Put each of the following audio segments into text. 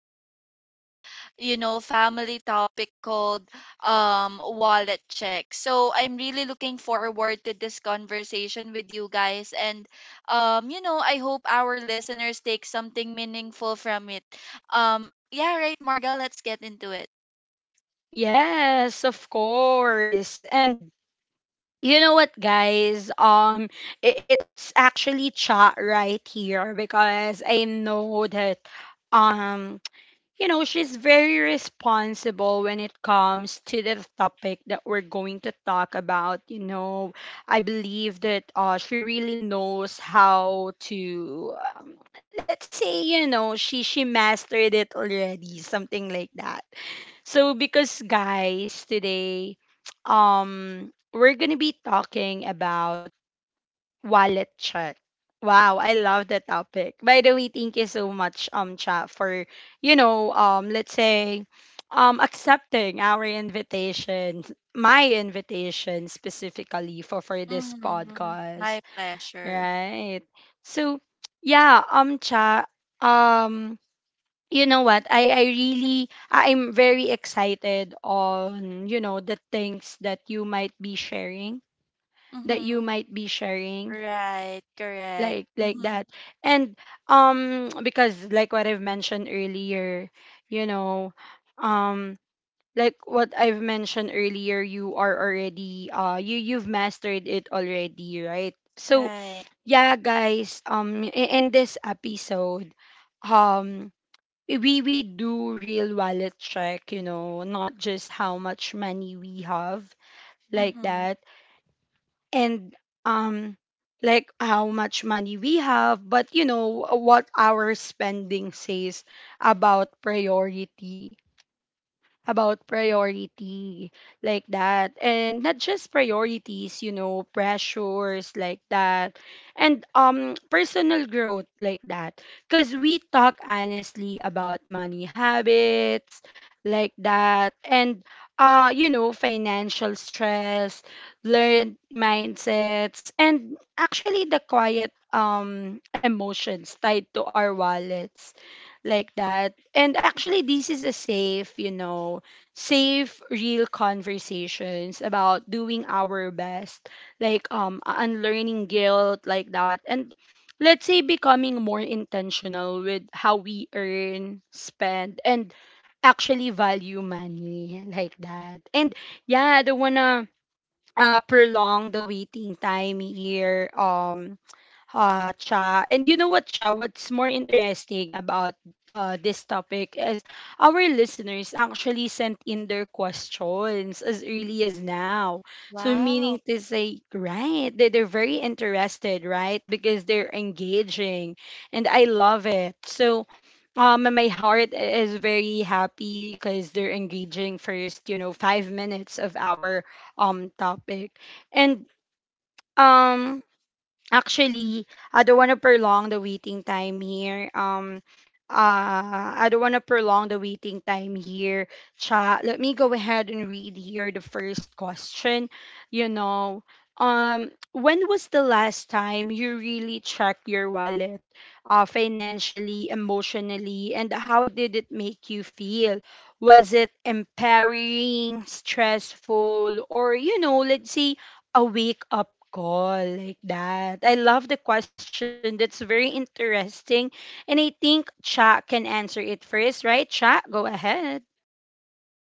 and relatable, family topic called wallet check. So I'm really looking forward to this conversation with you guys. And I hope our listeners take something meaningful from it. Yeah, right, Marga, let's get into it. Yes, of course. And you know what, guys? It's actually Cha right here, because I know that, um she's very responsible when it comes to the topic that we're going to talk about. I believe that she really knows how to, let's say, she mastered it already, something like that. So because, guys, today, um, we're gonna be talking about wallet chat. Wow, I love the topic. By the way, thank you so much, Cha, for, let's say, accepting our invitation, my invitation specifically for this Mm-hmm. podcast, My pleasure. right? So, yeah, Cha, um, you know what? I'm very excited on, the things that you might be sharing, that you Mm-hmm. might be sharing Right. like Correct. like that. Mm-hmm. And because like what I've mentioned earlier, you know um you are already, you've mastered it already, right? So Right. yeah, guys, in this episode, um we do real wallet check, not just how much money we have, like that. Mm-hmm. And um like how much money we have, but you know what our spending says about priority, about priority like that. And not just priorities, pressures, like that. And personal growth, like that. Because we talk honestly about money habits, like that. And financial stress, learned mindsets, and actually the quiet emotions tied to our wallets, like that. And actually, this is a safe, real conversations about doing our best, like, unlearning guilt, like that. And let's say becoming more intentional with how we earn, spend, and actually value money, like that. And yeah, I don't wanna prolong the waiting time here. Cha. And you know what, Cha? What's more interesting about this topic is, our listeners actually sent in their questions as early as now. So, meaning Wow. to say, right, they're very interested, right? Because they're engaging. And I love it. So, my heart is very happy because they're engaging first, 5 minutes of our topic. And, um, actually, I don't want to prolong the waiting time here. I don't want to prolong the waiting time here. Cha, let me go ahead and read here the first question. You know, when was the last time you really checked your wallet, financially, emotionally, and how did it make you feel? Was it empowering, stressful, or, let's say, a wake up call, like that? I love the question. That's very interesting. And I think Cha can answer it first, right? Cha, go ahead.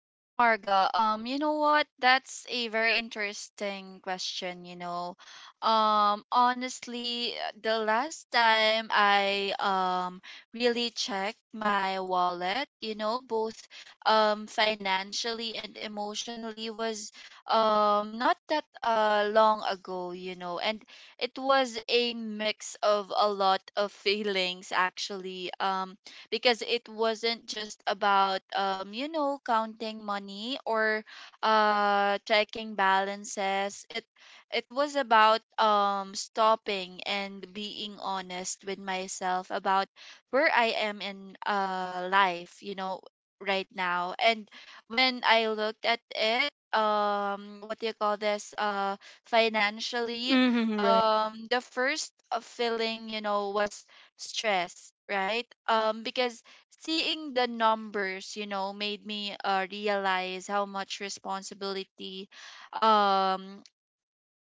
Right, Marga. You know what? That's a very interesting question. Honestly, the last time I really checked my wallet, both financially and emotionally was not that long ago. And it was a mix of a lot of feelings actually. Because it wasn't just about counting money or checking balances, it was about stopping and being honest with myself about where I am in life, right now. And when I looked at it, what do you call this, financially, Mm-hmm, right. The first feeling, was stress, right? Because seeing the numbers, made me realize how much responsibility, um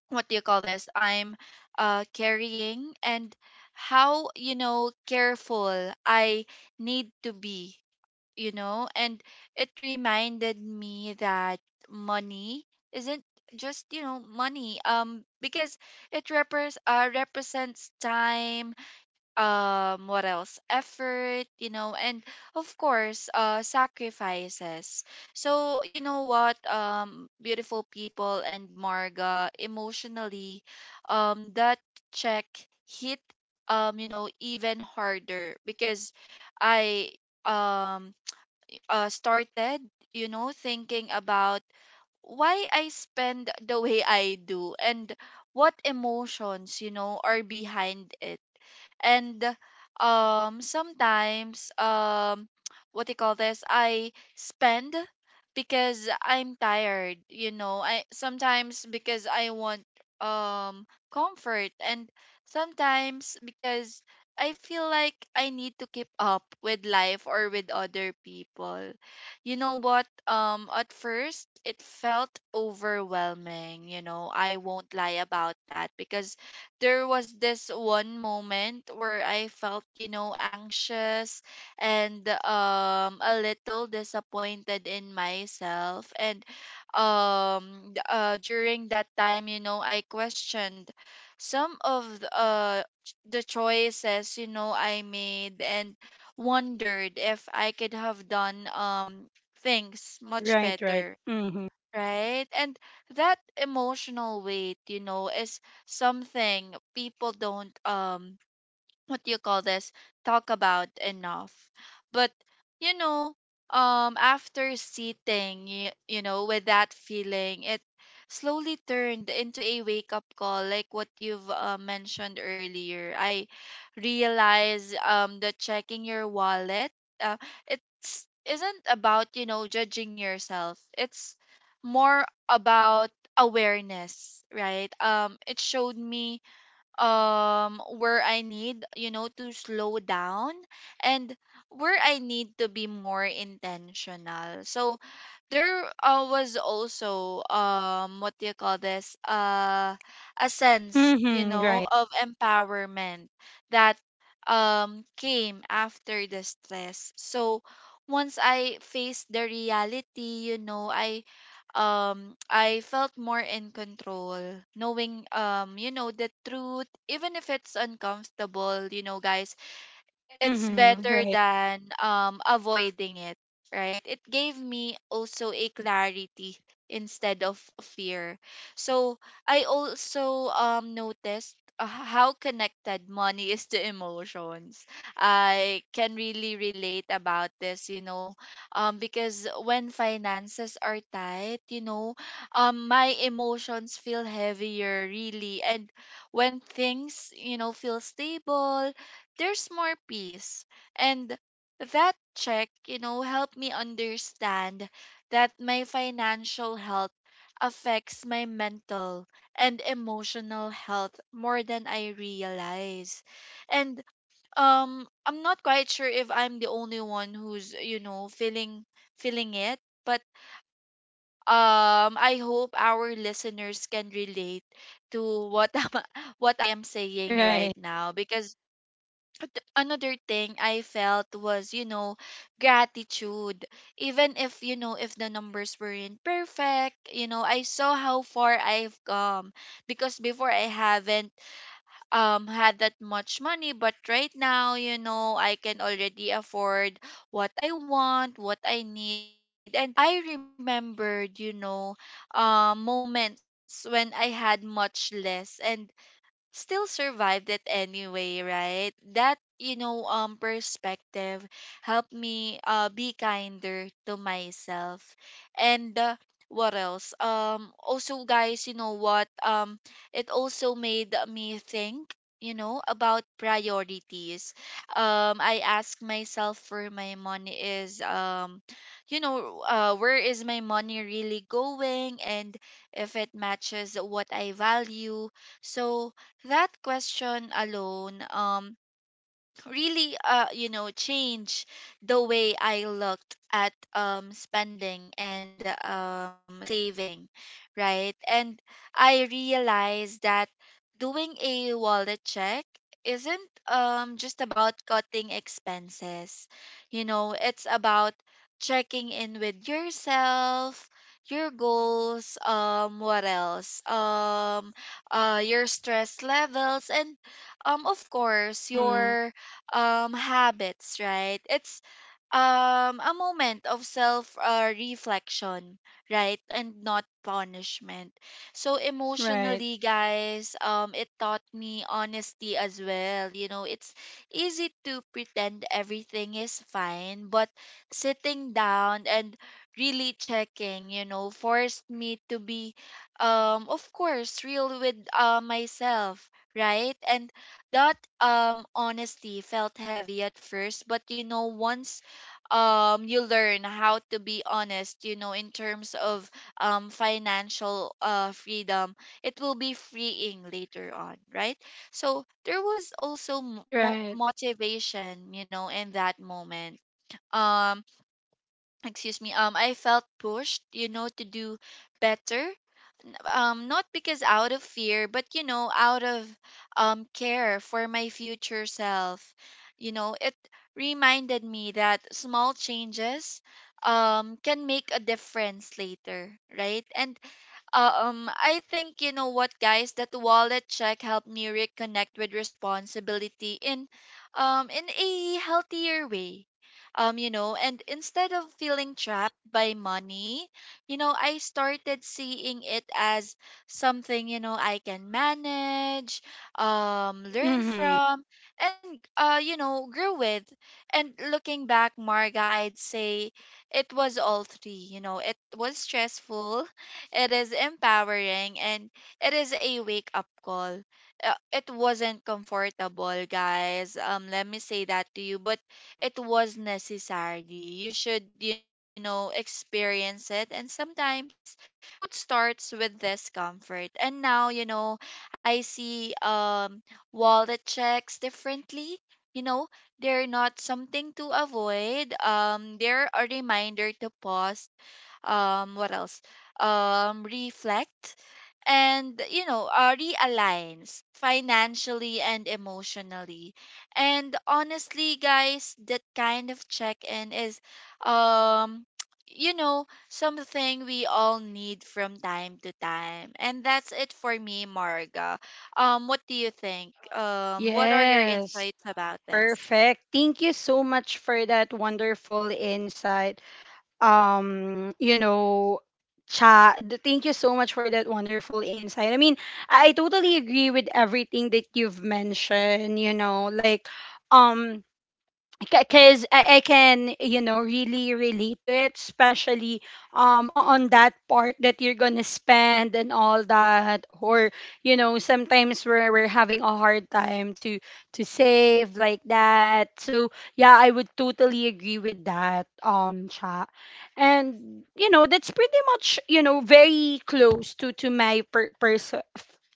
what do you call this, I'm carrying, and how, careful I need to be, and it reminded me that money isn't just, money. Because it represents time, what else effort, and of course sacrifices. So you know what, beautiful people and Marga, emotionally, that check hit, even harder, because I um started, thinking about why I spend the way I do and what emotions, are behind it. And sometimes, what do you call this, I spend because I'm tired, I sometimes, because I want um comfort, and sometimes because I feel like I need to keep up with life or with other people. You know what, at first it felt overwhelming, I won't lie about that. Because there was this one moment where I felt, anxious and a little disappointed in myself. And during that time, I questioned some of the, the choices, I made, and wondered if I could have done things much Right, right. better. Mm-hmm. Right? And that emotional weight, is something people don't, what do you call this, talk about enough. But you know after sitting, with that feeling, it slowly turned into a wake up call, like what you've mentioned earlier. I realized that checking your wallet, uh, it's isn't about, judging yourself, it's more about awareness, right? It showed me where I need, to slow down and where I need to be more intentional. So there was also, what do you call this? A sense, Mm-hmm, right. of empowerment that came after the stress. So once I faced the reality, I felt more in control, knowing, the truth. Even if it's uncomfortable, guys, it's Mm-hmm, better right. than avoiding it. Right? It gave me also a clarity instead of fear. So I also noticed, how connected money is to emotions. I can really relate about this, because when finances are tight, my emotions feel heavier really. And when things, feel stable, there's more peace. And that check, helped me understand that my financial health affects my mental and emotional health more than I realize. And I'm not quite sure if I'm the only one who's, feeling it, but I hope our listeners can relate to what what I am saying Right. right now. Because another thing I felt was, gratitude. Even if, you know, if the numbers weren't perfect, I saw how far I've come. Because before, I haven't had that much money, but right now, I can already afford what I want, what I need. And I remembered, moments when I had much less and still survived it anyway, right? That, perspective helped me be kinder to myself. And what else? Also guys, you know what? It also made me think, about priorities. I ask myself where my money is, where is my money really going, and if it matches what I value. So that question alone, really, change the way I looked at spending and saving, right? And I realized that doing a wallet check isn't just about cutting expenses, it's about checking in with yourself, your goals, what else your stress levels, and of course Mm-hmm. your habits, right? It's a moment of self reflection, right? And not punishment. So Right. emotionally guys, it taught me honesty as well. You know, it's easy to pretend everything is fine, but sitting down and really checking, forced me to be, of course, real with myself, right? And that honesty felt heavy at first. But once you learn how to be honest, in terms of financial freedom, it will be freeing later on, right? So there was also Right. motivation, in that moment. um Excuse me. I felt pushed, to do better. Not because out of fear, but, out of care for my future self. You know, it reminded me that small changes can make a difference later, right? And I think, you know what, guys. That wallet check helped me reconnect with responsibility in a healthier way. And instead of feeling trapped by money, I started seeing it as something, I can manage, learn Mm-hmm. from, and grow with. And looking back, Marga, I'd say it was all three. It was stressful, it is empowering, and it is a wake up call. It wasn't comfortable, guys. Let me say that to you, but it was necessary. You should, experience it, and sometimes growth starts with discomfort. And now, I see wallet checks differently. You know, they're not something to avoid. They're a reminder to pause, what else reflect, and, realigns financially and emotionally. And honestly guys, that kind of check-in is um something we all need from time to time. And that's it for me, Marga. What do you think? What are your Yes. insights about this? Perfect. Thank you so much for that wonderful insight. um you know cha, thank you so much for that wonderful insight. I mean, I totally agree with everything that you've mentioned, like, um because I can, really relate to it, especially on that part that you're gonna spend and all that, or, sometimes we're having a hard time to save, like that. So yeah, I would totally agree with that, chat. And, that's pretty much, very close to my per- pers-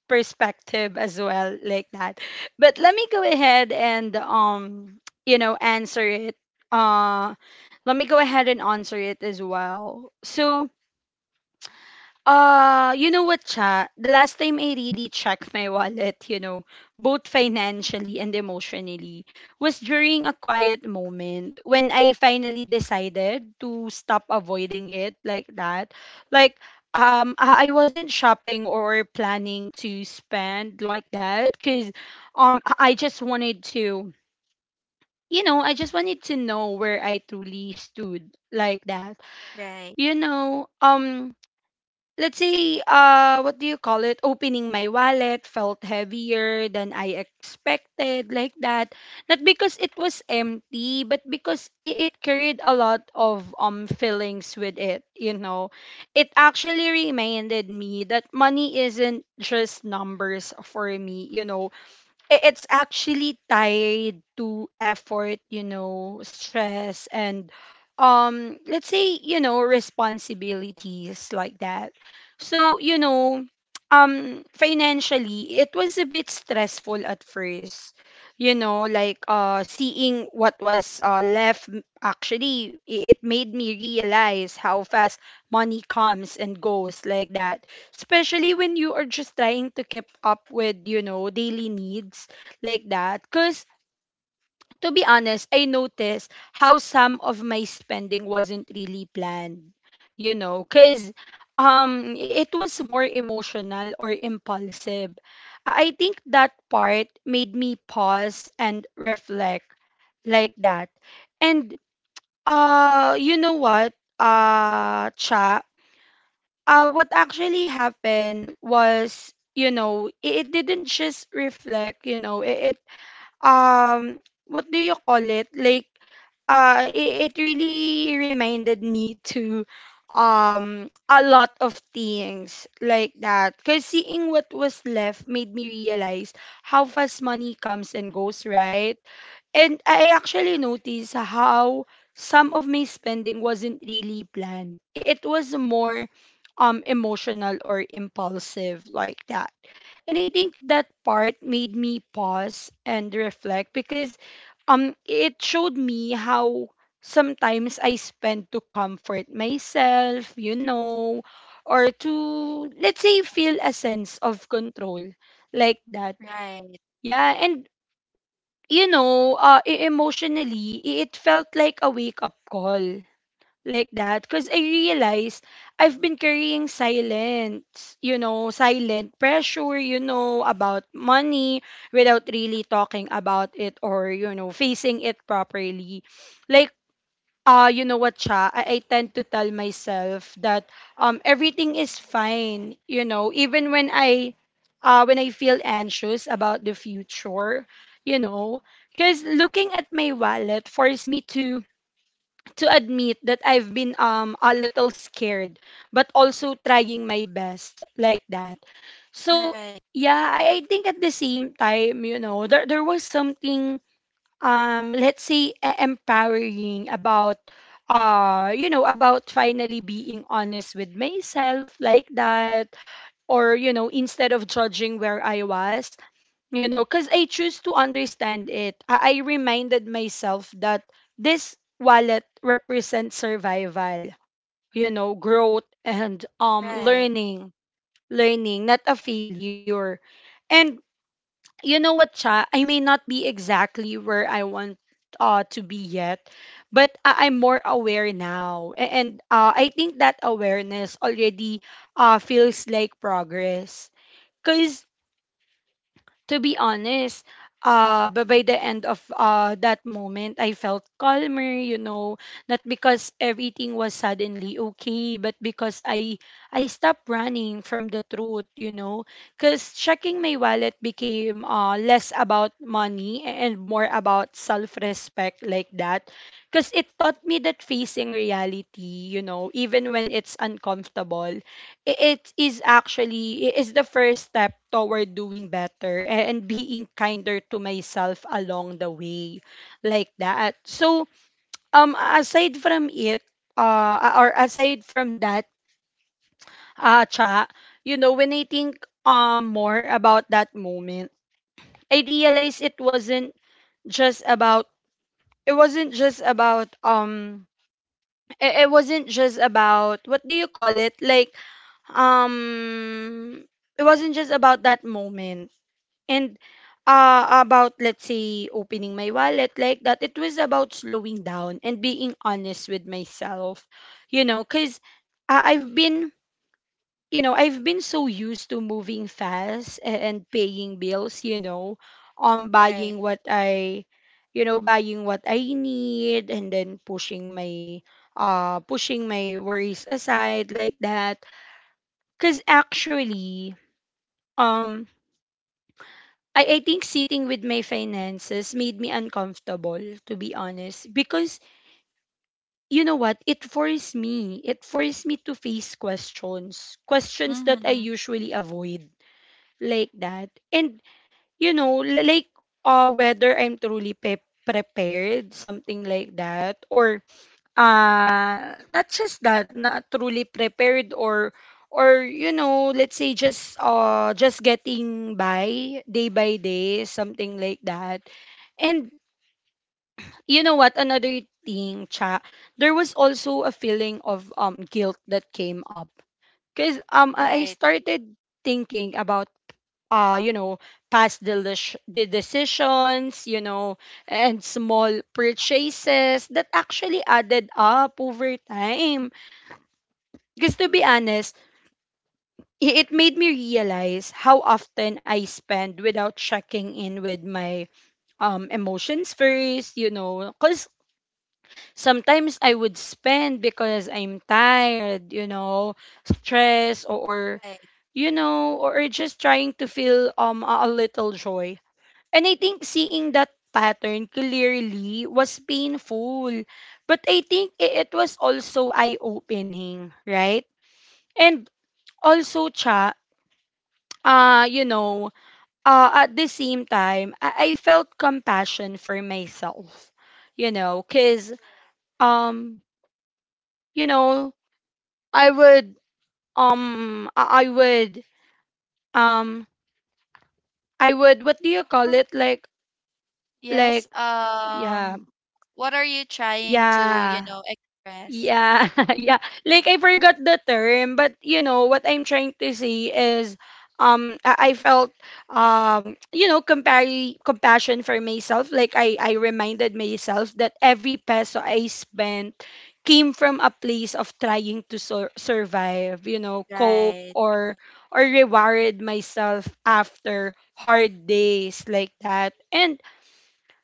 perspective as well, like that. But let me go ahead and, answer it. Uh, Let me go ahead and answer it as well. So, you know what, Cha? The last time I really checked my wallet, both financially and emotionally, was during a quiet moment when I finally decided to stop avoiding it, like that. Like, I wasn't shopping or planning to spend, like that, because, um, I I just wanted to I just wanted to know where I truly stood, like that. Right, You know, um let's say, what do you call it? Opening my wallet felt heavier than I expected, like that. Not because it was empty, but because it carried a lot of feelings with it. It actually reminded me that money isn't just numbers for me, it's actually tied to effort, stress, and let's say, responsibilities, like that. So, financially, it was a bit stressful at first. Like seeing what was left, actually, it made me realize how fast money comes and goes, like that, especially when you are just trying to keep up with, daily needs, like that. Because, to be honest, I noticed how some of my spending wasn't really planned, because it was more emotional or impulsive. I think that part made me pause and reflect, like that. And, you know what, Cha, what actually happened was, it didn't just reflect, it um what do you call it? Like, it really reminded me to, a lot of things, like that, because seeing what was left made me realize how fast money comes and goes, right? And I actually noticed how some of my spending wasn't really planned. It was more, emotional or impulsive, like that. And I think that part made me pause and reflect, because it showed me how sometimes I spend to comfort myself, or to, let's say, feel a sense of control, like that. right, Yeah. And, emotionally, it felt like a wake up call, like that, because I realized I've been carrying silence, silent pressure, about money without really talking about it, or, facing it properly. Like, you know what, Cha, I tend to tell myself that everything is fine, even when I feel anxious about the future, you know, because looking at my wallet forced me to admit that I've been, a little scared, but also trying my best, like that. So right, yeah, I think at the same time, there was something, let's say, empowering about, about finally being honest with myself, like that, or, instead of judging where I was, because I choose to understand it, I reminded myself that this wallet represents survival, growth, and right. learning, not a failure. And you know what, Cha? I may not be exactly where I want, to be yet, but I'm more aware now, and I think that awareness already, feels like progress, because, to be honest, but by the end of, that moment, I felt calmer, not because everything was suddenly okay, but because I stopped running from the truth, because checking my wallet became, less about money and more about self-respect, like that, because it taught me that facing reality, even when it's uncomfortable, I- it is actually, it is the first step toward doing better, and being kinder to myself along the way, like that. So, um aside from it aside from that, Cha, when I think, more about that moment, I Mm-hmm. realized just about it wasn't just about um it it wasn't just about what do you call it, like, um it wasn't just about that moment, and, about, let's say, opening my wallet, like that. It was about slowing down and being honest with myself, cuz, i've been I've been so used to moving fast, and paying bills, um buying Right. what i buying what I need, and then pushing my worries aside, like that. Cuz actually, um I think sitting with my finances made me uncomfortable, to be honest, because, you know what, it forced me to face questions that I Mhm. usually avoid, like that. And, like, whether I'm truly, prepared, something like that, or, not just that, not truly prepared, or Let's say just getting by day by day, something like that. And you know what, another thing cha, there was also a feeling of guilt that came up because I Right, started thinking about uh, you know, the decisions, and small purchases that actually added up over time. Because to be honest, it made me realize how often I spend without checking in with my emotions first, you know, because sometimes I would spend because I'm tired, you know, stressed or right, you know, or just trying to feel a little joy. And I think seeing that pattern clearly was painful. But I think it was also eye opening, right? And also, Cha, uh, you know, at the same time, I felt compassion for myself, you know, because, right. um, you know, I would, um, I I would, um, I would, what do you Uh-huh. call it? Yes. Like, yeah, What are you trying to, yeah, express? yeah, yeah. Like I forgot the term, but you know what I'm trying to say is, I felt, you know, compare compassion for myself. Like I reminded myself that every peso I spent came from a place of trying to survive, you know, cope Right, or reward myself after hard days, like that. And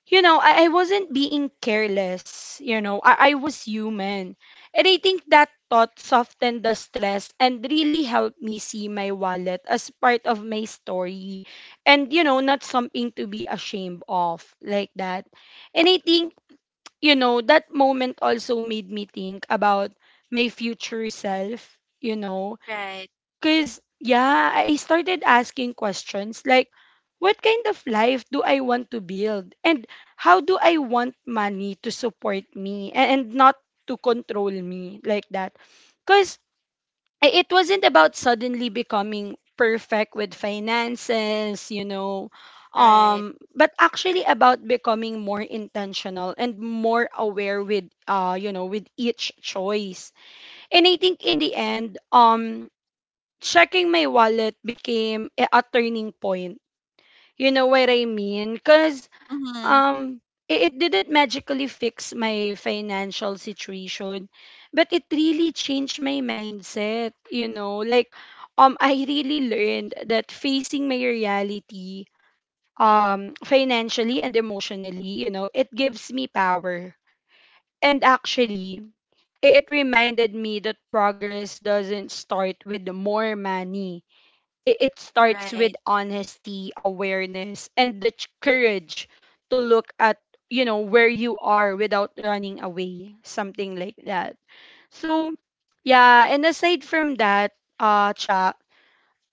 you know, I wasn't being careless. You know, I was human. And I think that thought softened the stress and really helped me see my wallet as part of my story and, you know, not something to be ashamed of, like that. And I think, you know, that moment also made me think about my future self, you know. right, Cause yeah, I started asking questions like, what kind of life do I want to build? And how do I want money to support me and not to control me, like that? Cause it wasn't about suddenly becoming perfect with finances, right. But actually about becoming more intentional and more aware with, with each choice. And I think in the end, checking my wallet became a turning point. You know what I mean? Because Mm-hmm. um, it didn't magically fix my financial situation, but it really changed my mindset. You know, like I really learned that facing my reality, financially and emotionally, you know, it gives me power. And actually, it reminded me that progress doesn't start with more money. It starts with Right, honesty, awareness, and the courage to look at, you know, where you are without running away, something like that. So, yeah, and aside from that, cha,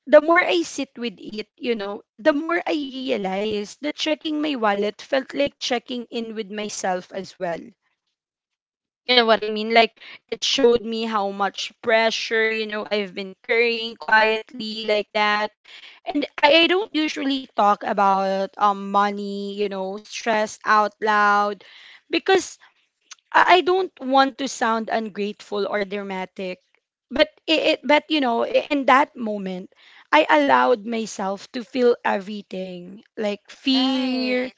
the more I sit with it, you know, the more I realize that checking my wallet felt like checking in with myself as well. You know what I mean? Like it showed me how much pressure, you know, I've been carrying quietly, like that. And I don't usually talk about money, you know, stress out loud because I don't want to sound ungrateful or dramatic. But it but you know, in that moment, I allowed myself to feel everything, like right, fear,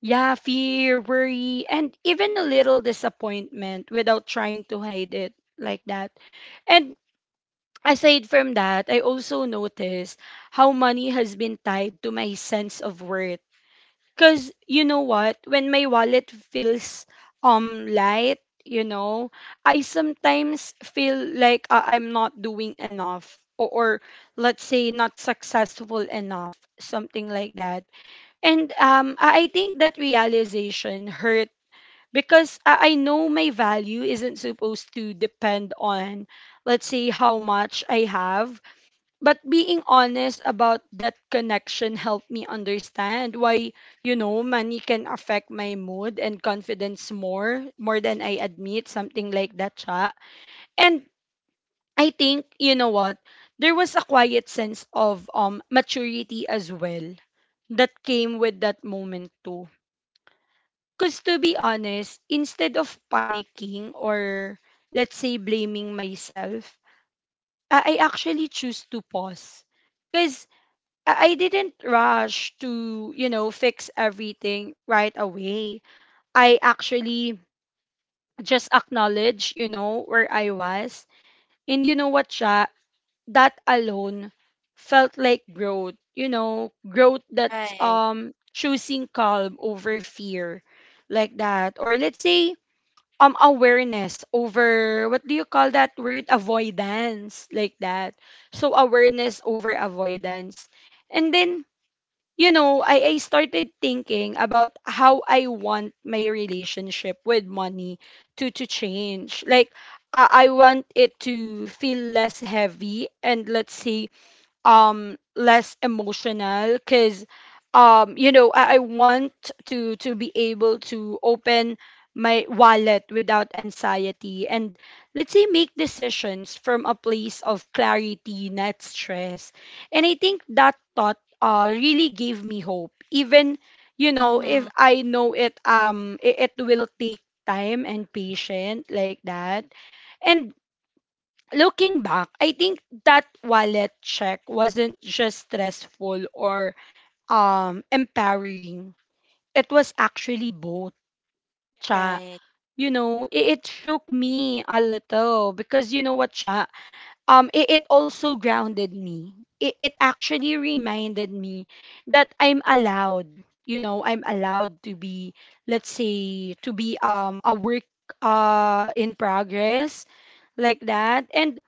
yeah, fear, worry, and even a little disappointment without trying to hide it, like that. And aside from that, I also noticed how money has been tied to my sense of worth. Cause you know what? When my wallet feels light, you know, I sometimes feel like I'm not doing enough or let's say, not successful enough, something like that. And I think that realization hurt because I know my value isn't supposed to depend on, let's say, how much I have. But being honest about that connection helped me understand why, you know, money can affect my mood and confidence more than I admit, something like that, cha. And I think, you know what, there was a quiet sense of maturity as well that came with that moment too because, to be honest, instead of panicking or, let's say, blaming myself, I actually choose to pause. Because I didn't rush to, you know, fix everything right away. I actually just acknowledge, you know, where I was. And you know what, siya, that alone felt like growth, you know, growth that's right. Choosing calm over fear, like that. Or let's say awareness over, what do you call that word, avoidance, like that. So awareness over avoidance. And then, you know, I started thinking about how I want my relationship with money to change. Like I want it to feel less heavy and, let's say, less emotional, because you know, I want to be able to open my wallet without anxiety and, let's say, make decisions from a place of clarity, not stress. And I think that thought really gave me hope, even you know if Mm-hmm. I know it it will take time and patience, like that. And looking back, I think that wallet check wasn't just stressful or empowering. It was actually both, cha. Right, You know, it shook me a little because you know what, cha. It also grounded me. It actually reminded me that I'm allowed. You know, I'm allowed to be, let's say, to be a work in progress, like that. And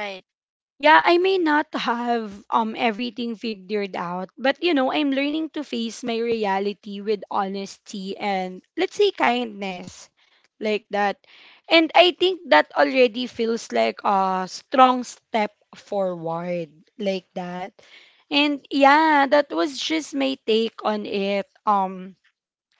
right. yeah, I may not have everything figured out, but you know, I'm learning to face my reality with honesty and, let's say, kindness, like that. And I think that already feels like a strong step forward, like that. And yeah, that was just my take on it. Um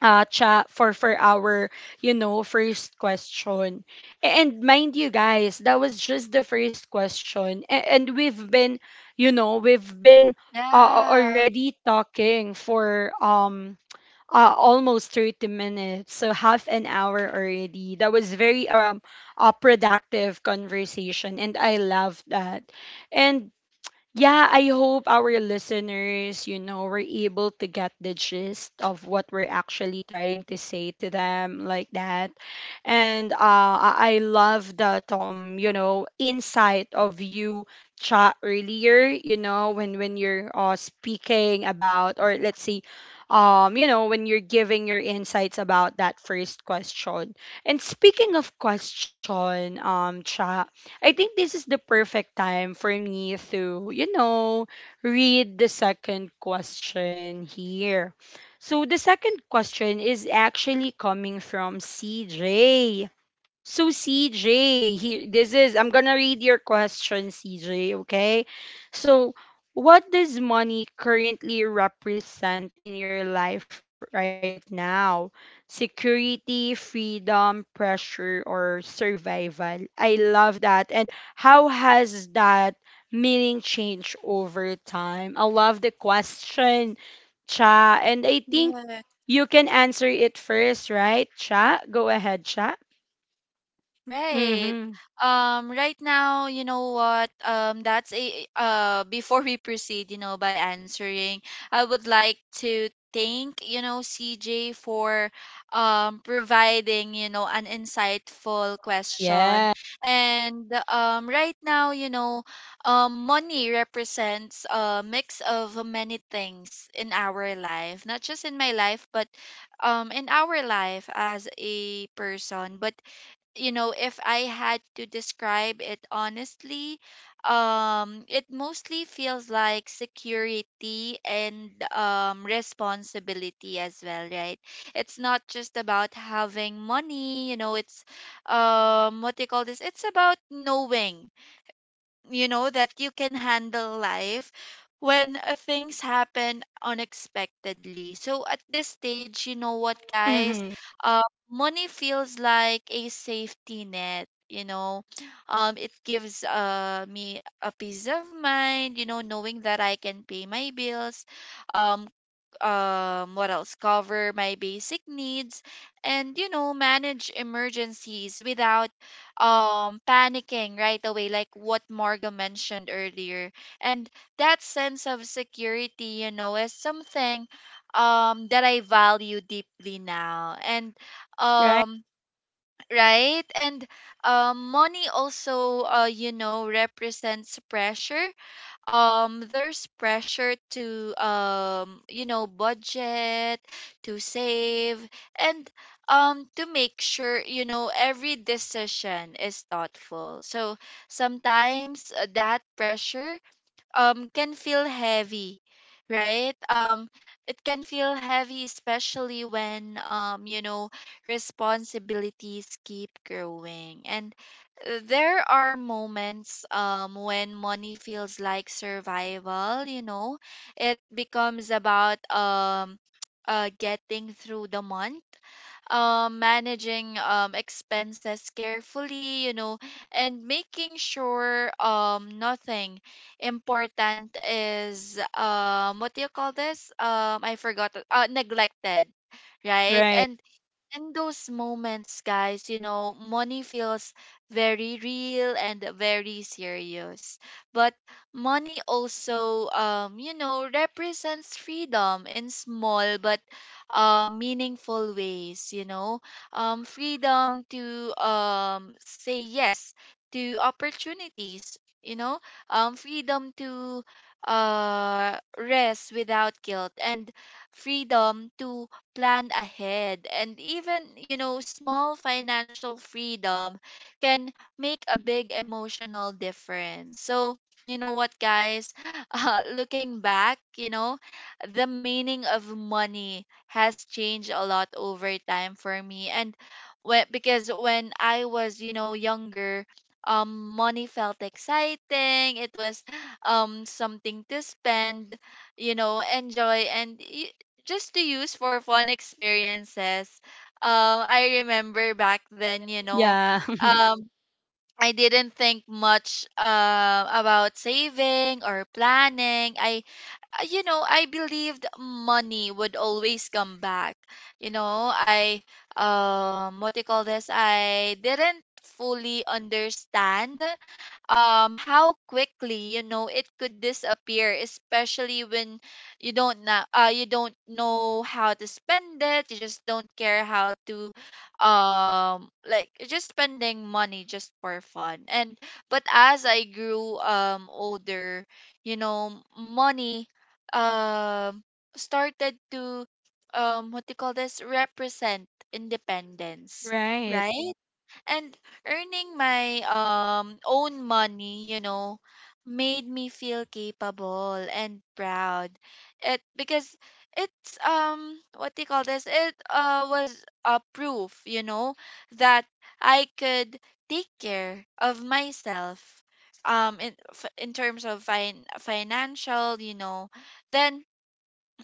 uh chat, for our you know first question. And mind you guys, that was just the first question. And we've been, you know, we've been Yeah, already talking for almost 30 minutes, so half an hour already. That was very a productive conversation, and I love that. And yeah, I hope our listeners, you know, were able to get the gist of what we're actually trying to say to them, like that. And I love that, you know, insight of you chat earlier, you know, when you're speaking about, or let's see, you know, when you're giving your insights about that first question. And speaking of question, chat, I think this is the perfect time for me to, you know, read the second question here. So the second question is actually coming from CJ. So CJ, he, this is I'm gonna read your question, CJ. Okay, so what does money currently represent in your life right now? Security, freedom, pressure, or survival? I love that. And how has that meaning changed over time? I love the question, Cha. And I think yeah. you can answer it first, right, Cha? Go ahead, Cha. Right. Mm-hmm. Right now, you know what? That's a before we proceed, by answering, I would like to thank, CJ for providing, an insightful question. Yeah. And right now, money represents a mix of many things in our life, not just in my life, but in our life as a person. But if I had to describe it honestly, it mostly feels like security and, responsibility as well, right? It's not just about having money, it's, what do you call this? It's about knowing that you can handle life when things happen unexpectedly. So at this stage, you know what, guys? Mm-hmm. uh, Money feels like a safety net, it gives me a peace of mind, knowing that I can pay my bills, um what else, cover my basic needs, and, manage emergencies without panicking right away, like what Marga mentioned earlier. And that sense of security, is something that I value deeply now. And Right. um right and money also represents pressure. There's pressure to budget, to save, and to make sure, every decision is thoughtful. So sometimes that pressure can feel heavy. right um it can feel heavy, especially when, responsibilities keep growing. And there are moments when money feels like survival, it becomes about getting through the month, managing expenses carefully, and making sure nothing important is what do you call this? I forgot neglected, right? Right. And in those moments, guys, money feels very real and very serious. But money also, represents freedom in small but meaningful ways, freedom to say yes to opportunities, freedom to rest without guilt, and freedom to plan ahead. And even, small financial freedom can make a big emotional difference. So, you know what, guys? Looking back, the meaning of money has changed a lot over time for me. And because when I was, younger, money felt exciting. It was something to spend, enjoy, and just to use for fun experiences. I remember back then, Yeah. um, I didn't think much about saving or planning. I believed money would always come back. You know, I what do you call this? I didn't fully understand how quickly, it could disappear, especially when you don't you don't know how to spend it. You just don't care how to like you're just spending money just for fun. And But as I grew older, you know, money um started to what do you call this represent independence, Right. right? And earning my own money, made me feel capable and proud. It because it's what do you call this? It was a proof, that I could take care of myself in in terms of financial, then.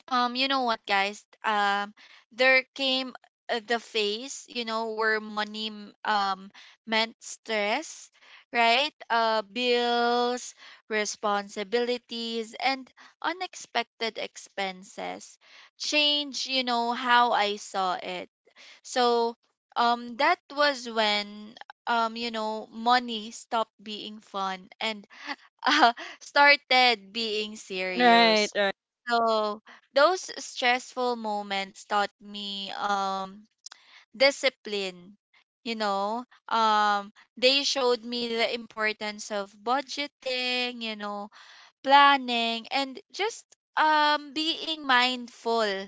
You know what, guys? There came the phase, where money meant stress, right? Bills, responsibilities, and unexpected expenses change, how I saw it. So, that was when, money stopped being fun and uh, started being serious. Right. Right. So those stressful moments taught me discipline, you know. Um they showed me the importance of budgeting, planning, and just being mindful,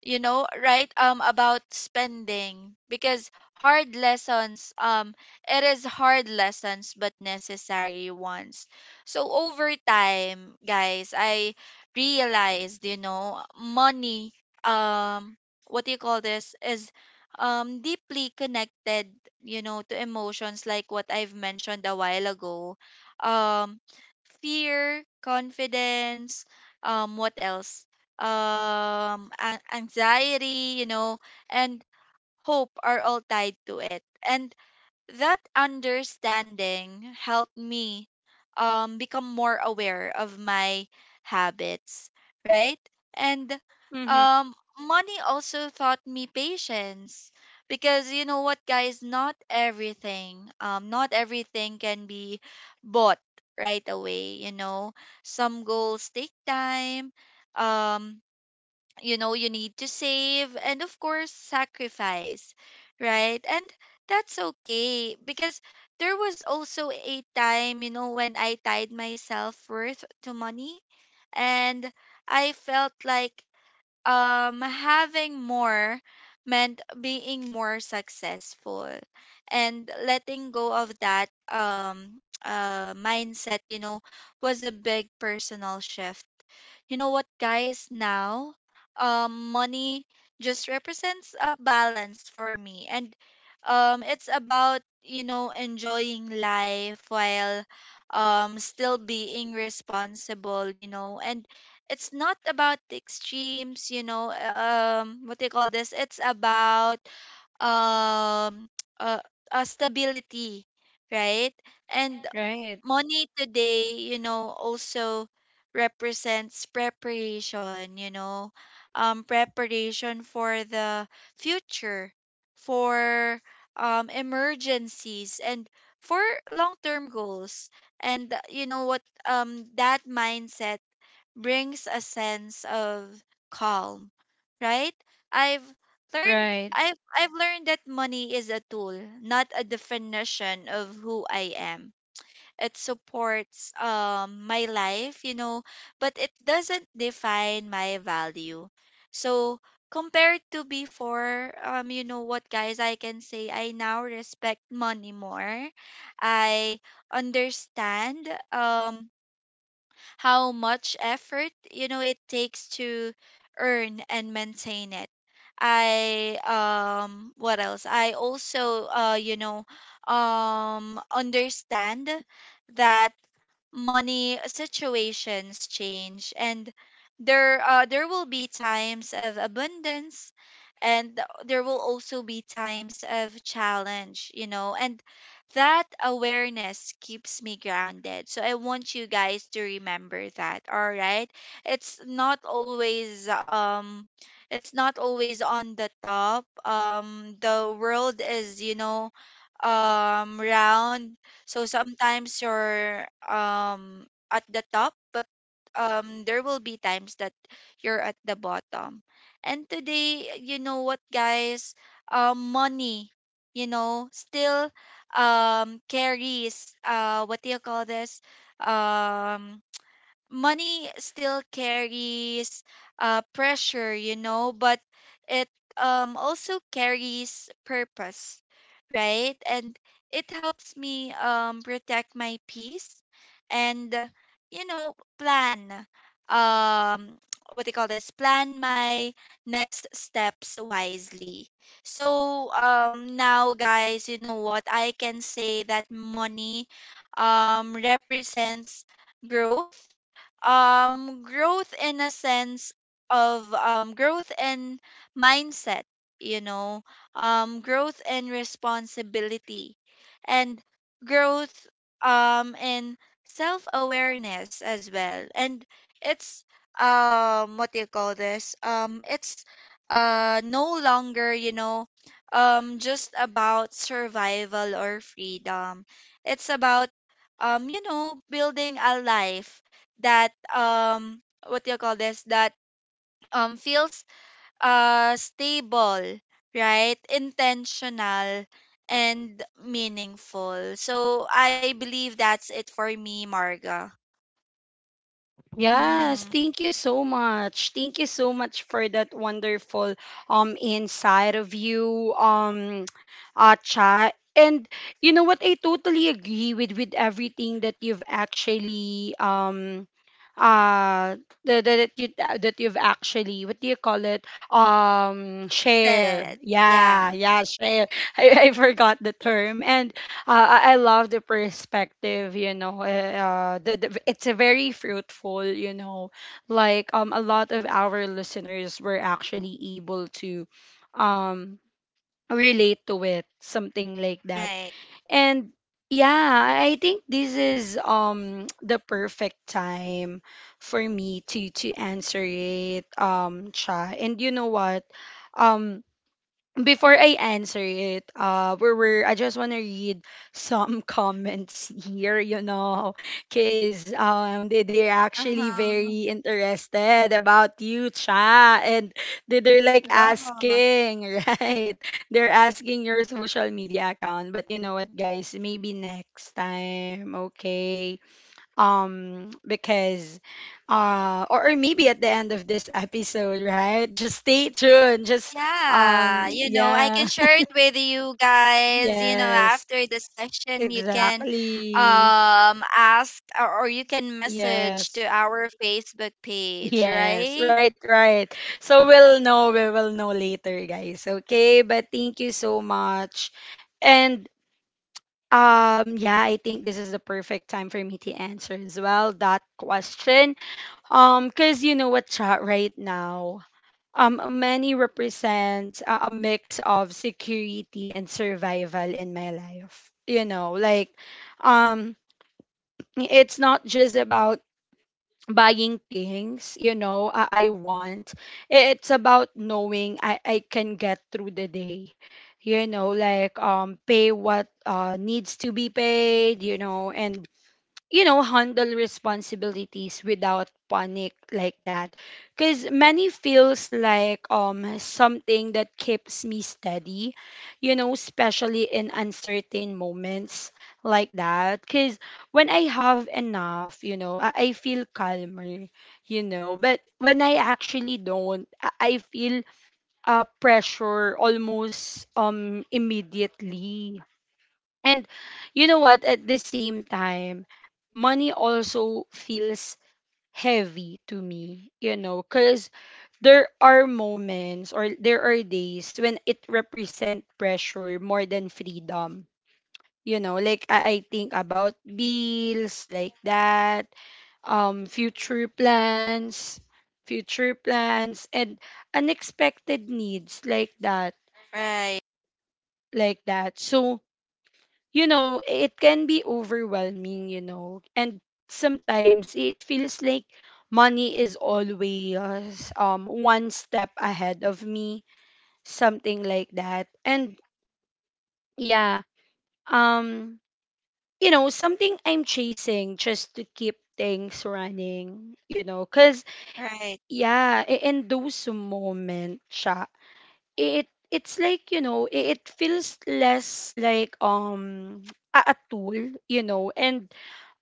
about spending. Because hard lessons It is hard lessons but necessary ones. So over time, guys, I realized, money um what do you call this is deeply connected, to emotions, like what I've mentioned a while ago: um fear, confidence, um what else anxiety, and hope are all tied to it. And that understanding helped me become more aware of my habits, right? and Mm-hmm. um Money also taught me patience, because, you know what, guys? Not everything can be bought right away, some goals take time. um you know, you need to save and, of course, sacrifice, right? And that's okay. Because there was also a time, when I tied my self-worth to money. And I felt like having more meant being more successful. And letting go of that mindset, was a big personal shift. You know what, guys? Now money just represents a balance for me. And it's about, enjoying life while still being responsible, and it's not about the extremes, you know what do you call this it's about um uh, stability, right? And Right. money today, also represents preparation, preparation for the future, for emergencies, and for long-term goals. And, you know what? That mindset brings a sense of calm, right? I've Right. I've learned that money is a tool, not a definition of who I am. It supports my life, but it doesn't define my value. So compared to before, you know what, guys? I can say I now respect money more. I understand how much effort, it takes to earn and maintain it. I what else? I also, understand that money situations change, and there will be times of abundance, and there will also be times of challenge, and that awareness keeps me grounded. So I want you guys to remember that, all right? It's not always um it's not always on the top. The world is, round. So sometimes you're at the top, but there will be times that you're at the bottom. And today, you know what, guys? Money, still carries what do you call this um money still carries pressure, but it also carries purpose, right? And it helps me protect my peace and, plan. Um, what do you call this? Plan my next steps wisely. So now, guys, you know what? I can say that money represents growth, growth in a sense of growth in mindset, you know growth in responsibility, and growth in self awareness as well. And it's what do you call this it's no longer, just about survival or freedom. It's about building a life that what do you call this that feels stable, right? Intentional and meaningful. So I believe that's it for me, Marga. Yes, Mm-hmm. thank you so much. Thank you so much for that wonderful inside of you chat. And you know what, I totally agree with everything that you've actually uh the that you that you've actually, what do you call it, share, that yeah, Yeah. yeah, share I forgot the term. And I love the perspective, you know. Eh, uh, the it's a very fruitful, you know. Like a lot of our listeners were actually able to, um, relate to it, something like that. Right. And yeah, I think this is the perfect time for me to answer it, Cha. And you know what, um before I answer it, we were, I just want to read some comments here, you know, because they, they're actually Uh-huh. very interested about you, Cha, and they, they're like Go. asking, right? They're asking your social media account. But you know what, guys, maybe next time, okay? Because or maybe at the end of this episode, right? Just stay tuned, just Yeah, you know, I yeah, can share it with you guys. You know, yes, after the session, you can exactly. Ask or you can message to Yes, our Facebook page, yes, right? right, right, so we'll know, we will know later, guys, okay? But thank you so much. And yeah, I think this is the perfect time for me to answer as well that question. Cause you know what, chat, right now, money represents a mix of security and survival in my life. You know, like, um, it's not just about buying things. You know, I want. It's about knowing I can get through the day. You know, like pay what needs to be paid. You know, and you know, handle responsibilities without panic, like that. Because money feels like something that keeps me steady, you know, especially in uncertain moments, like that. Because when I have enough, you know, I feel calmer, you know. But when I actually don't, I feel pressure almost immediately and you know what? At the same time, money also feels heavy to me, you know, because there are moments, or there are days when it represent pressure more than freedom. You know, like I think about bills like that, um, future plans, future plans, and unexpected needs like that, Right, So, you know, it can be overwhelming, you know, and sometimes it feels like money is always one step ahead of me, something like that. And yeah, um, you know, something I'm chasing just to keep things running, you know, cause right, yeah, in those moments, it's like you know it feels less like a tool you know and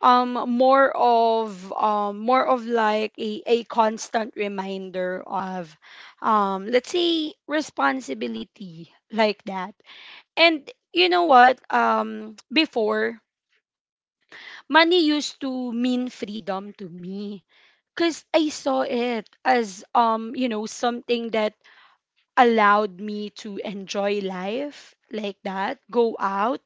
more of like a constant reminder of let's say responsibility like that. And you know what? Before, money used to mean freedom to me, because I saw it as you know something that allowed me to enjoy life like that, go out,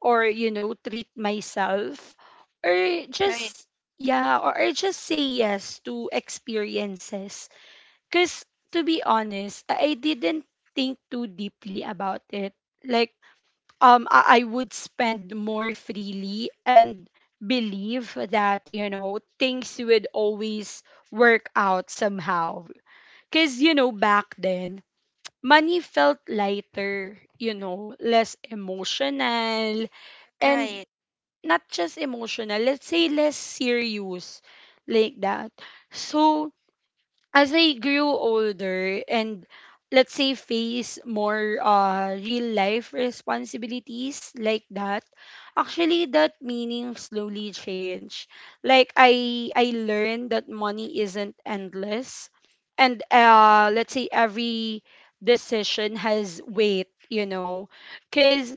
or, you know, treat myself, or right, just, yeah, or just say yes to experiences. Because, to be honest, I didn't think too deeply about it. Like, I would spend more freely and believe that, you know, things would always work out somehow. Because, you know, back then, money felt lighter, you know, less emotional, right, and not just emotional, let's say less serious like that. So as I grew older and let's say face more real life responsibilities like that, actually that meaning slowly changed. Like I learned that money isn't endless, and let's say every decision has weight, you know, cuz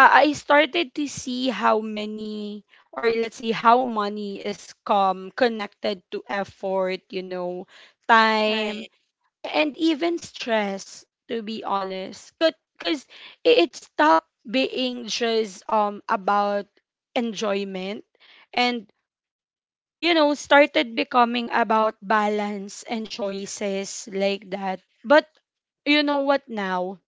I started to see how many, or let's say how money is come connected to effort, you know, time right, and even stress, to be honest. Cuz it stopped being just about enjoyment and you know started becoming about balance and choices like that. But you know what now?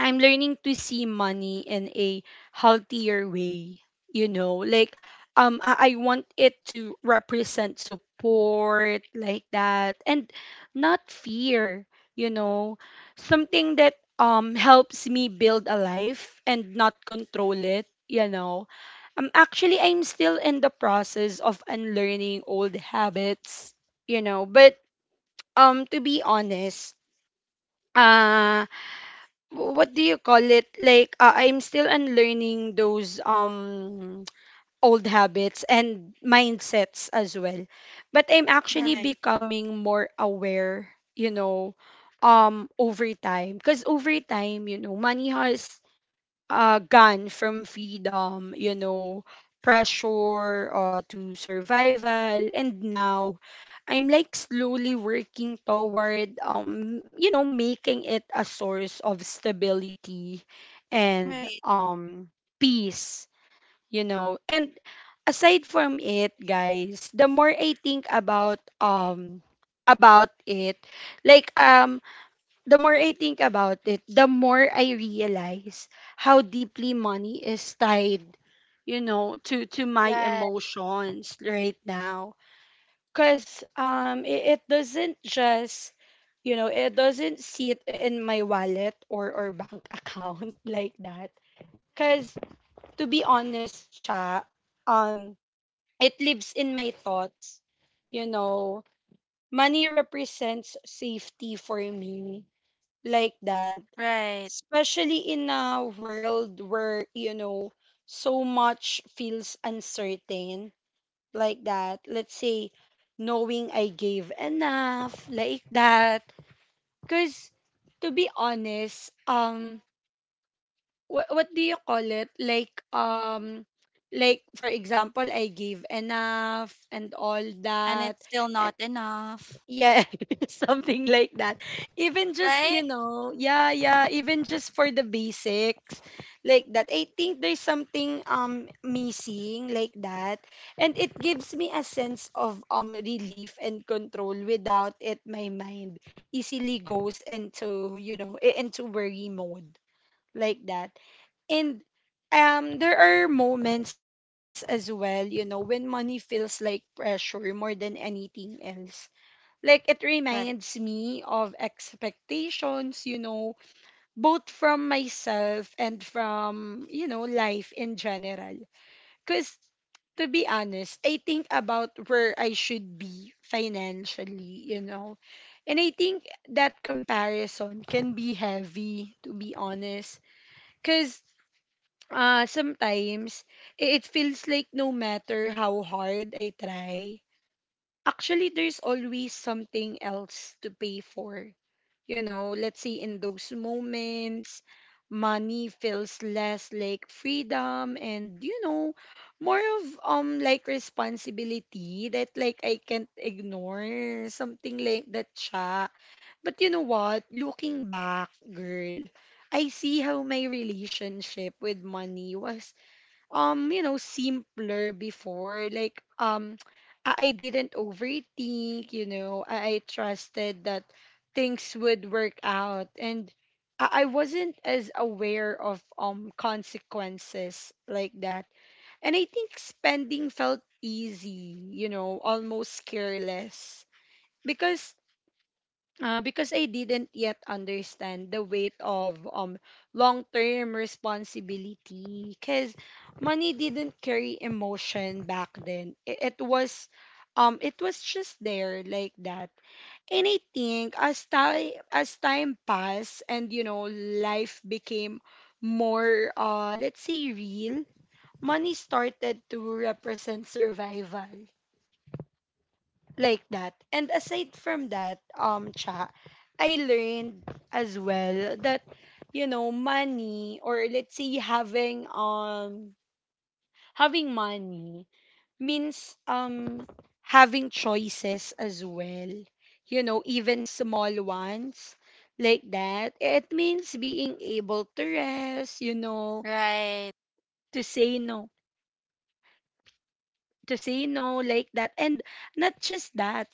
I'm learning to see money in a healthier way, you know, like I want it to represent support like that and not fear, you know, something that helps me build a life and not control it, you know. Actually I'm still in the process of unlearning old habits, you know, but to be honest, uh, what do you call it like I'm still unlearning those old habits and mindsets as well, but I'm actually right, becoming more aware, you know, over time. Because over time you know money has gone from freedom, you know, pressure, to survival. And now I'm like slowly working toward, you know, making it a source of stability and right, um, peace, you know. And aside from it, guys, the more I think about it, like the more I think about it, the more I realize how deeply money is tied, you know, to my right, emotions right now. Cause it doesn't just, you know, it doesn't sit in my wallet or bank account like that. Cause to be honest, cha, um, it lives in my thoughts. You know, money represents safety for me like that, right. especially in a world where you know so much feels uncertain like that. Let's say knowing I gave enough like that. Because to be honest, what do you call it like for example I gave enough and all And that. it's still not enough, Yeah, something like that. Even just, right? you know, yeah, yeah, even just for the basics like that. I think there's something missing like that. And it gives me a sense of relief and control. Without it my mind easily goes into, you know, into worry mode like that. And there are moments as well, you know, when money feels like pressure more than anything else, like it reminds Right, me of expectations, you know, both from myself and from you know life in general. Because to be honest I think about where I should be financially, you know, and I think that comparison can be heavy, to be honest. Because sometimes it feels like no matter how hard I try, actually there's always something else to pay for, you know. Let's say in those moments, money feels less like freedom and you know more of like responsibility that like I can't ignore, something like that siya. But you know what, looking back girl, I see how my relationship with money was you know simpler before. Like I didn't overthink, you know, I trusted that things would work out, and I wasn't as aware of consequences like that. And I think spending felt easy, you know, almost careless, because I didn't yet understand the weight of long-term responsibility. Because money didn't carry emotion back then. It was it was just there like that. And I think as time passed and you know life became more let's say real, money started to represent survival like that. And aside from that, cha, I learned as well that you know money, or let's say having having money means having choices as well. You know, even small ones like that. It means being able to rest. You know, right. to say no, like that, and not just that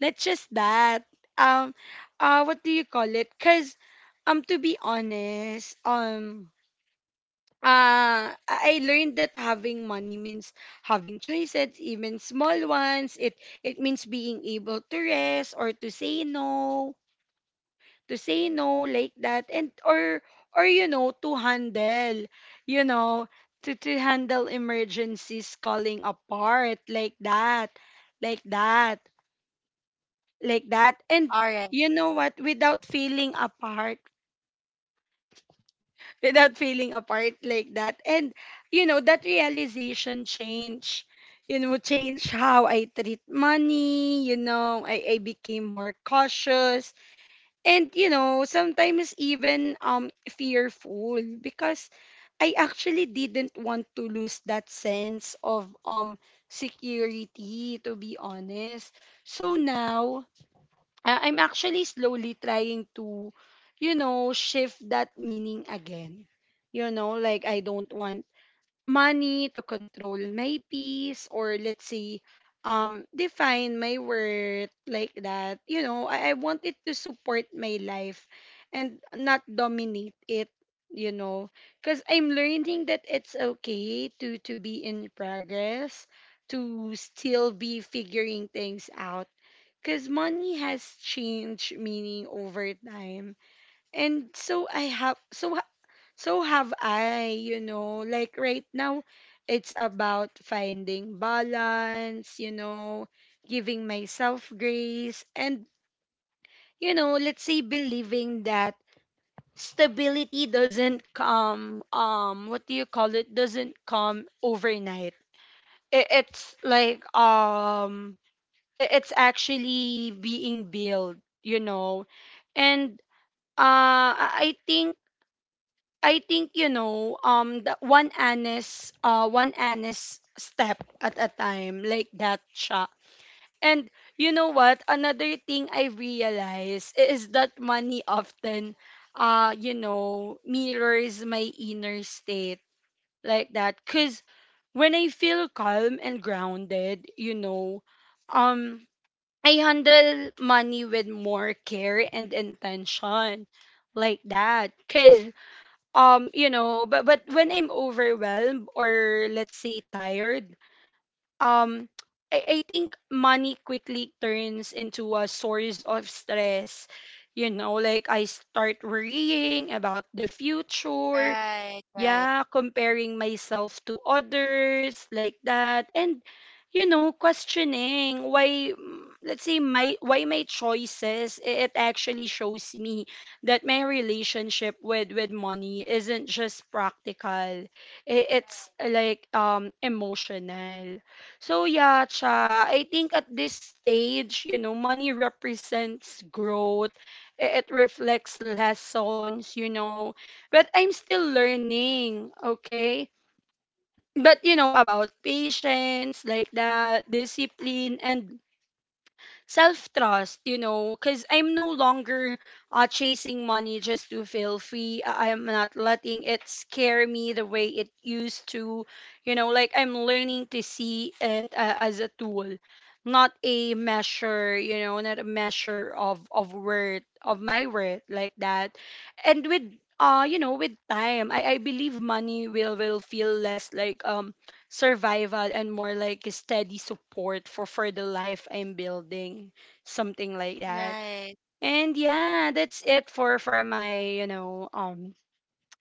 That's just that. Um, what do you call it? Cause, to be honest, I learned that having money means having choices, even small ones. It means being able to rest, or to say no, like that, and or you know to handle, you know, to handle emergencies calling apart like that, like that. And All right, you know what? Without feeling apart, without feeling apart like that. And you know, that realization change, you know, change how I treat money, you know, I became more cautious, and you know, sometimes even fearful, because I actually didn't want to lose that sense of security, to be honest. So now I'm actually slowly trying to, you know, shift that meaning again. You know, like I don't want money to control my peace, or let's say define my worth like that. You know, I want it to support my life and not dominate it, you know. Cause I'm learning that it's okay to be in progress, to still be figuring things out, because money has changed meaning over time, and so I have, so have i, you know. Like right now it's about finding balance, you know, giving myself grace, and you know let's say believing that stability doesn't come, what do you call it doesn't come overnight. It's like it's actually being built, you know. And I think, you know, the one honest step at a time, like that siya. And you know what, another thing I realize is that money often you know mirrors my inner state like that. Cuz when I feel calm and grounded, you know, um I handle money with more care and intention like that. Cuz you know, but when I'm overwhelmed, or let's say tired, um I think money quickly turns into a source of stress, you know, like I start worrying about the future, right, right, yeah, comparing myself to others like that. And you know questioning let's say my why my choices. It actually shows me that my relationship with money isn't just practical, it's right, like emotional. So yeah cha, I think at this stage you know money represents growth. It reflects lessons, you know, but I'm still learning, okay? But you know, about patience like that, discipline and self trust, you know, because I'm no longer chasing money just to feel free. I'm not letting it scare me the way it used to. You know, like I'm learning to see it as a tool, not a measure, you know, not a measure of worth, of my worth, like that. And with you know, with time, I believe money will feel less like survival and more like a steady support for the life I'm building, something like that. right. And yeah, that's it for my you know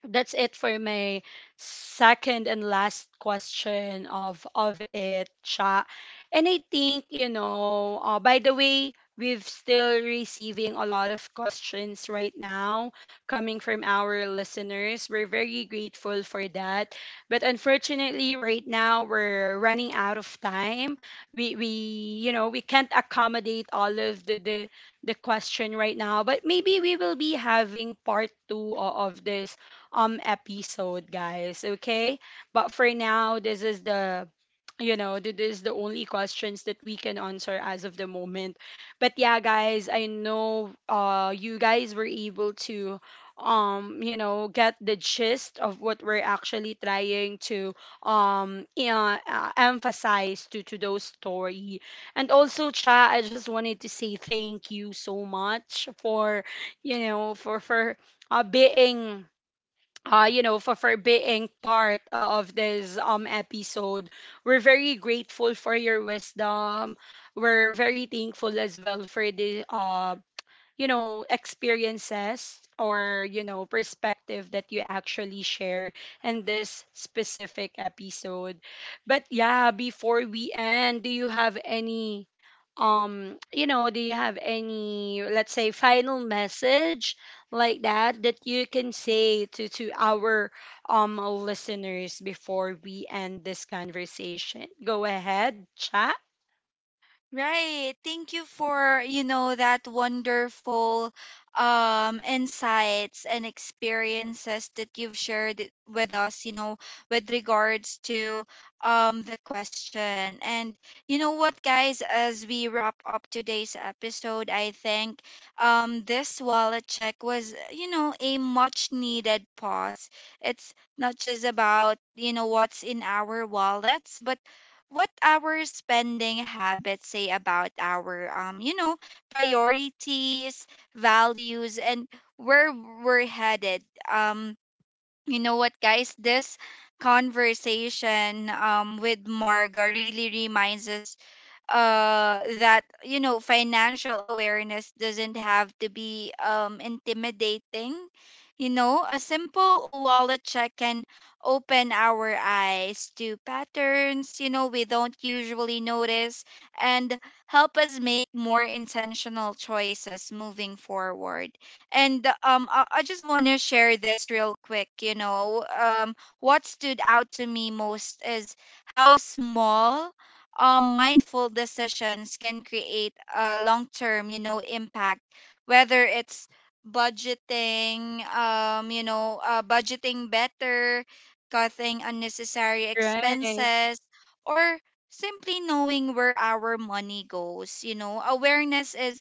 that's it for my second and last question of it, Cha. And I think you know by the way, we've still receiving a lot of questions right now coming from our listeners. We're very grateful for that, but unfortunately right now we're running out of time. We You know, we can't accommodate all of the question right now, but maybe we will be having part two of this episode, guys. Okay? But for now, this is the you know, this is the only questions that we can answer as of the moment. But yeah, guys, I know you guys were able to you know get the gist of what we're actually trying to yeah, emphasize to those story. And also cha, I just wanted to say thank you so much for you know for being you know, for being part of this episode. We're very grateful for your wisdom. We're very thankful as well for the you know, experiences, or, you know, perspective that you actually share in this specific episode. But yeah, before we end, do you have any let's say final message like that that you can say to our listeners before we end this conversation? Go ahead chat. Right. Thank you for, that wonderful insights and experiences that you've shared it with us, with regards to the question. And you know what, guys, as we wrap up today's episode, I think this wallet check was, a much needed pause. It's not just about, what's in our wallets, but what our spending habits say about our priorities, values, and where we're headed. Um you know what, guys? This conversation with Marga really reminds us that, financial awareness doesn't have to be intimidating. A simple wallet check can open our eyes to patterns, we don't usually notice, and help us make more intentional choices moving forward. I just want to share this real quick, what stood out to me most is how small mindful decisions can create a long term, impact. Whether it's budgeting, budgeting better, cutting unnecessary Right. expenses, or simply knowing where our money goes, awareness is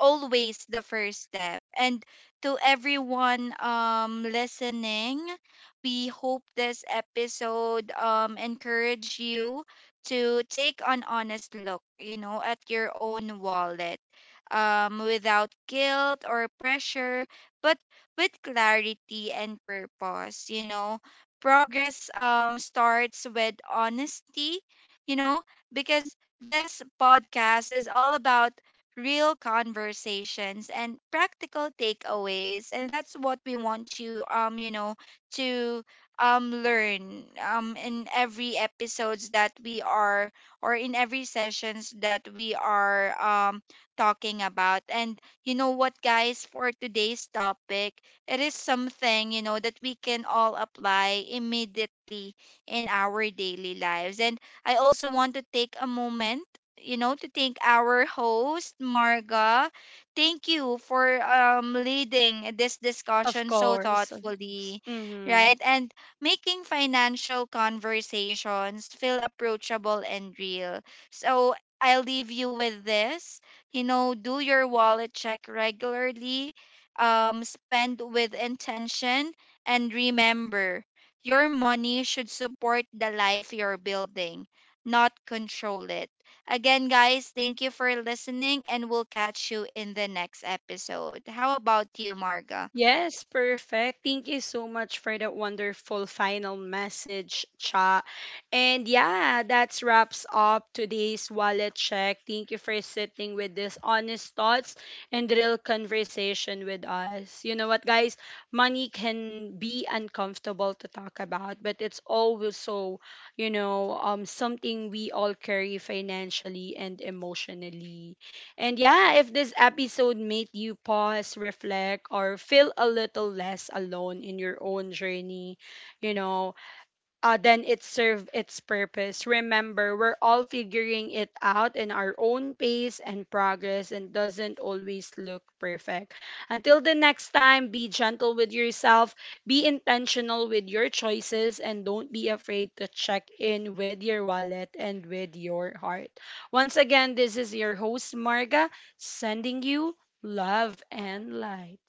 always the first step. And to everyone listening, we hope this episode encourage you to take an honest look, at your own wallet. Without guilt or pressure, but with clarity and purpose, Progress starts with honesty, you know, because this podcast is all about real conversations and practical takeaways, and that's what we want you, you know to learn in every episodes that we are, or in every sessions that we are talking about. And you know what, guys, for today's topic, it is something, that we can all apply immediately in our daily lives. And I also want to take a moment, to thank our host, Marga. Thank you for leading this Of discussion so course, of course. thoughtfully, Hmm. right? And making financial conversations feel approachable and real. So I'll leave you with this. You know, do your wallet check regularly, spend with intention, and remember, your money should support the life you're building, not control it. Again, guys, thank you for listening, and we'll catch you in the next episode. How about you, Marga? Yes, perfect. Thank you so much for that wonderful final message, Cha. And yeah, that wraps up today's wallet check. Thank you for sitting with these honest thoughts and real conversation with us. You know what, guys? Money can be uncomfortable to talk about, but it's always so, you know, something we all carry financially and emotionally. And yeah, if this episode made you pause, reflect, or feel a little less alone in your own journey, you know, then it served its purpose. Remember, we're all figuring it out in our own pace and progress, and doesn't always look perfect. Until the next time, be gentle with yourself, be intentional with your choices, and don't be afraid to check in with your wallet and with your heart. Once again, this is your host, Marga, sending you love and light.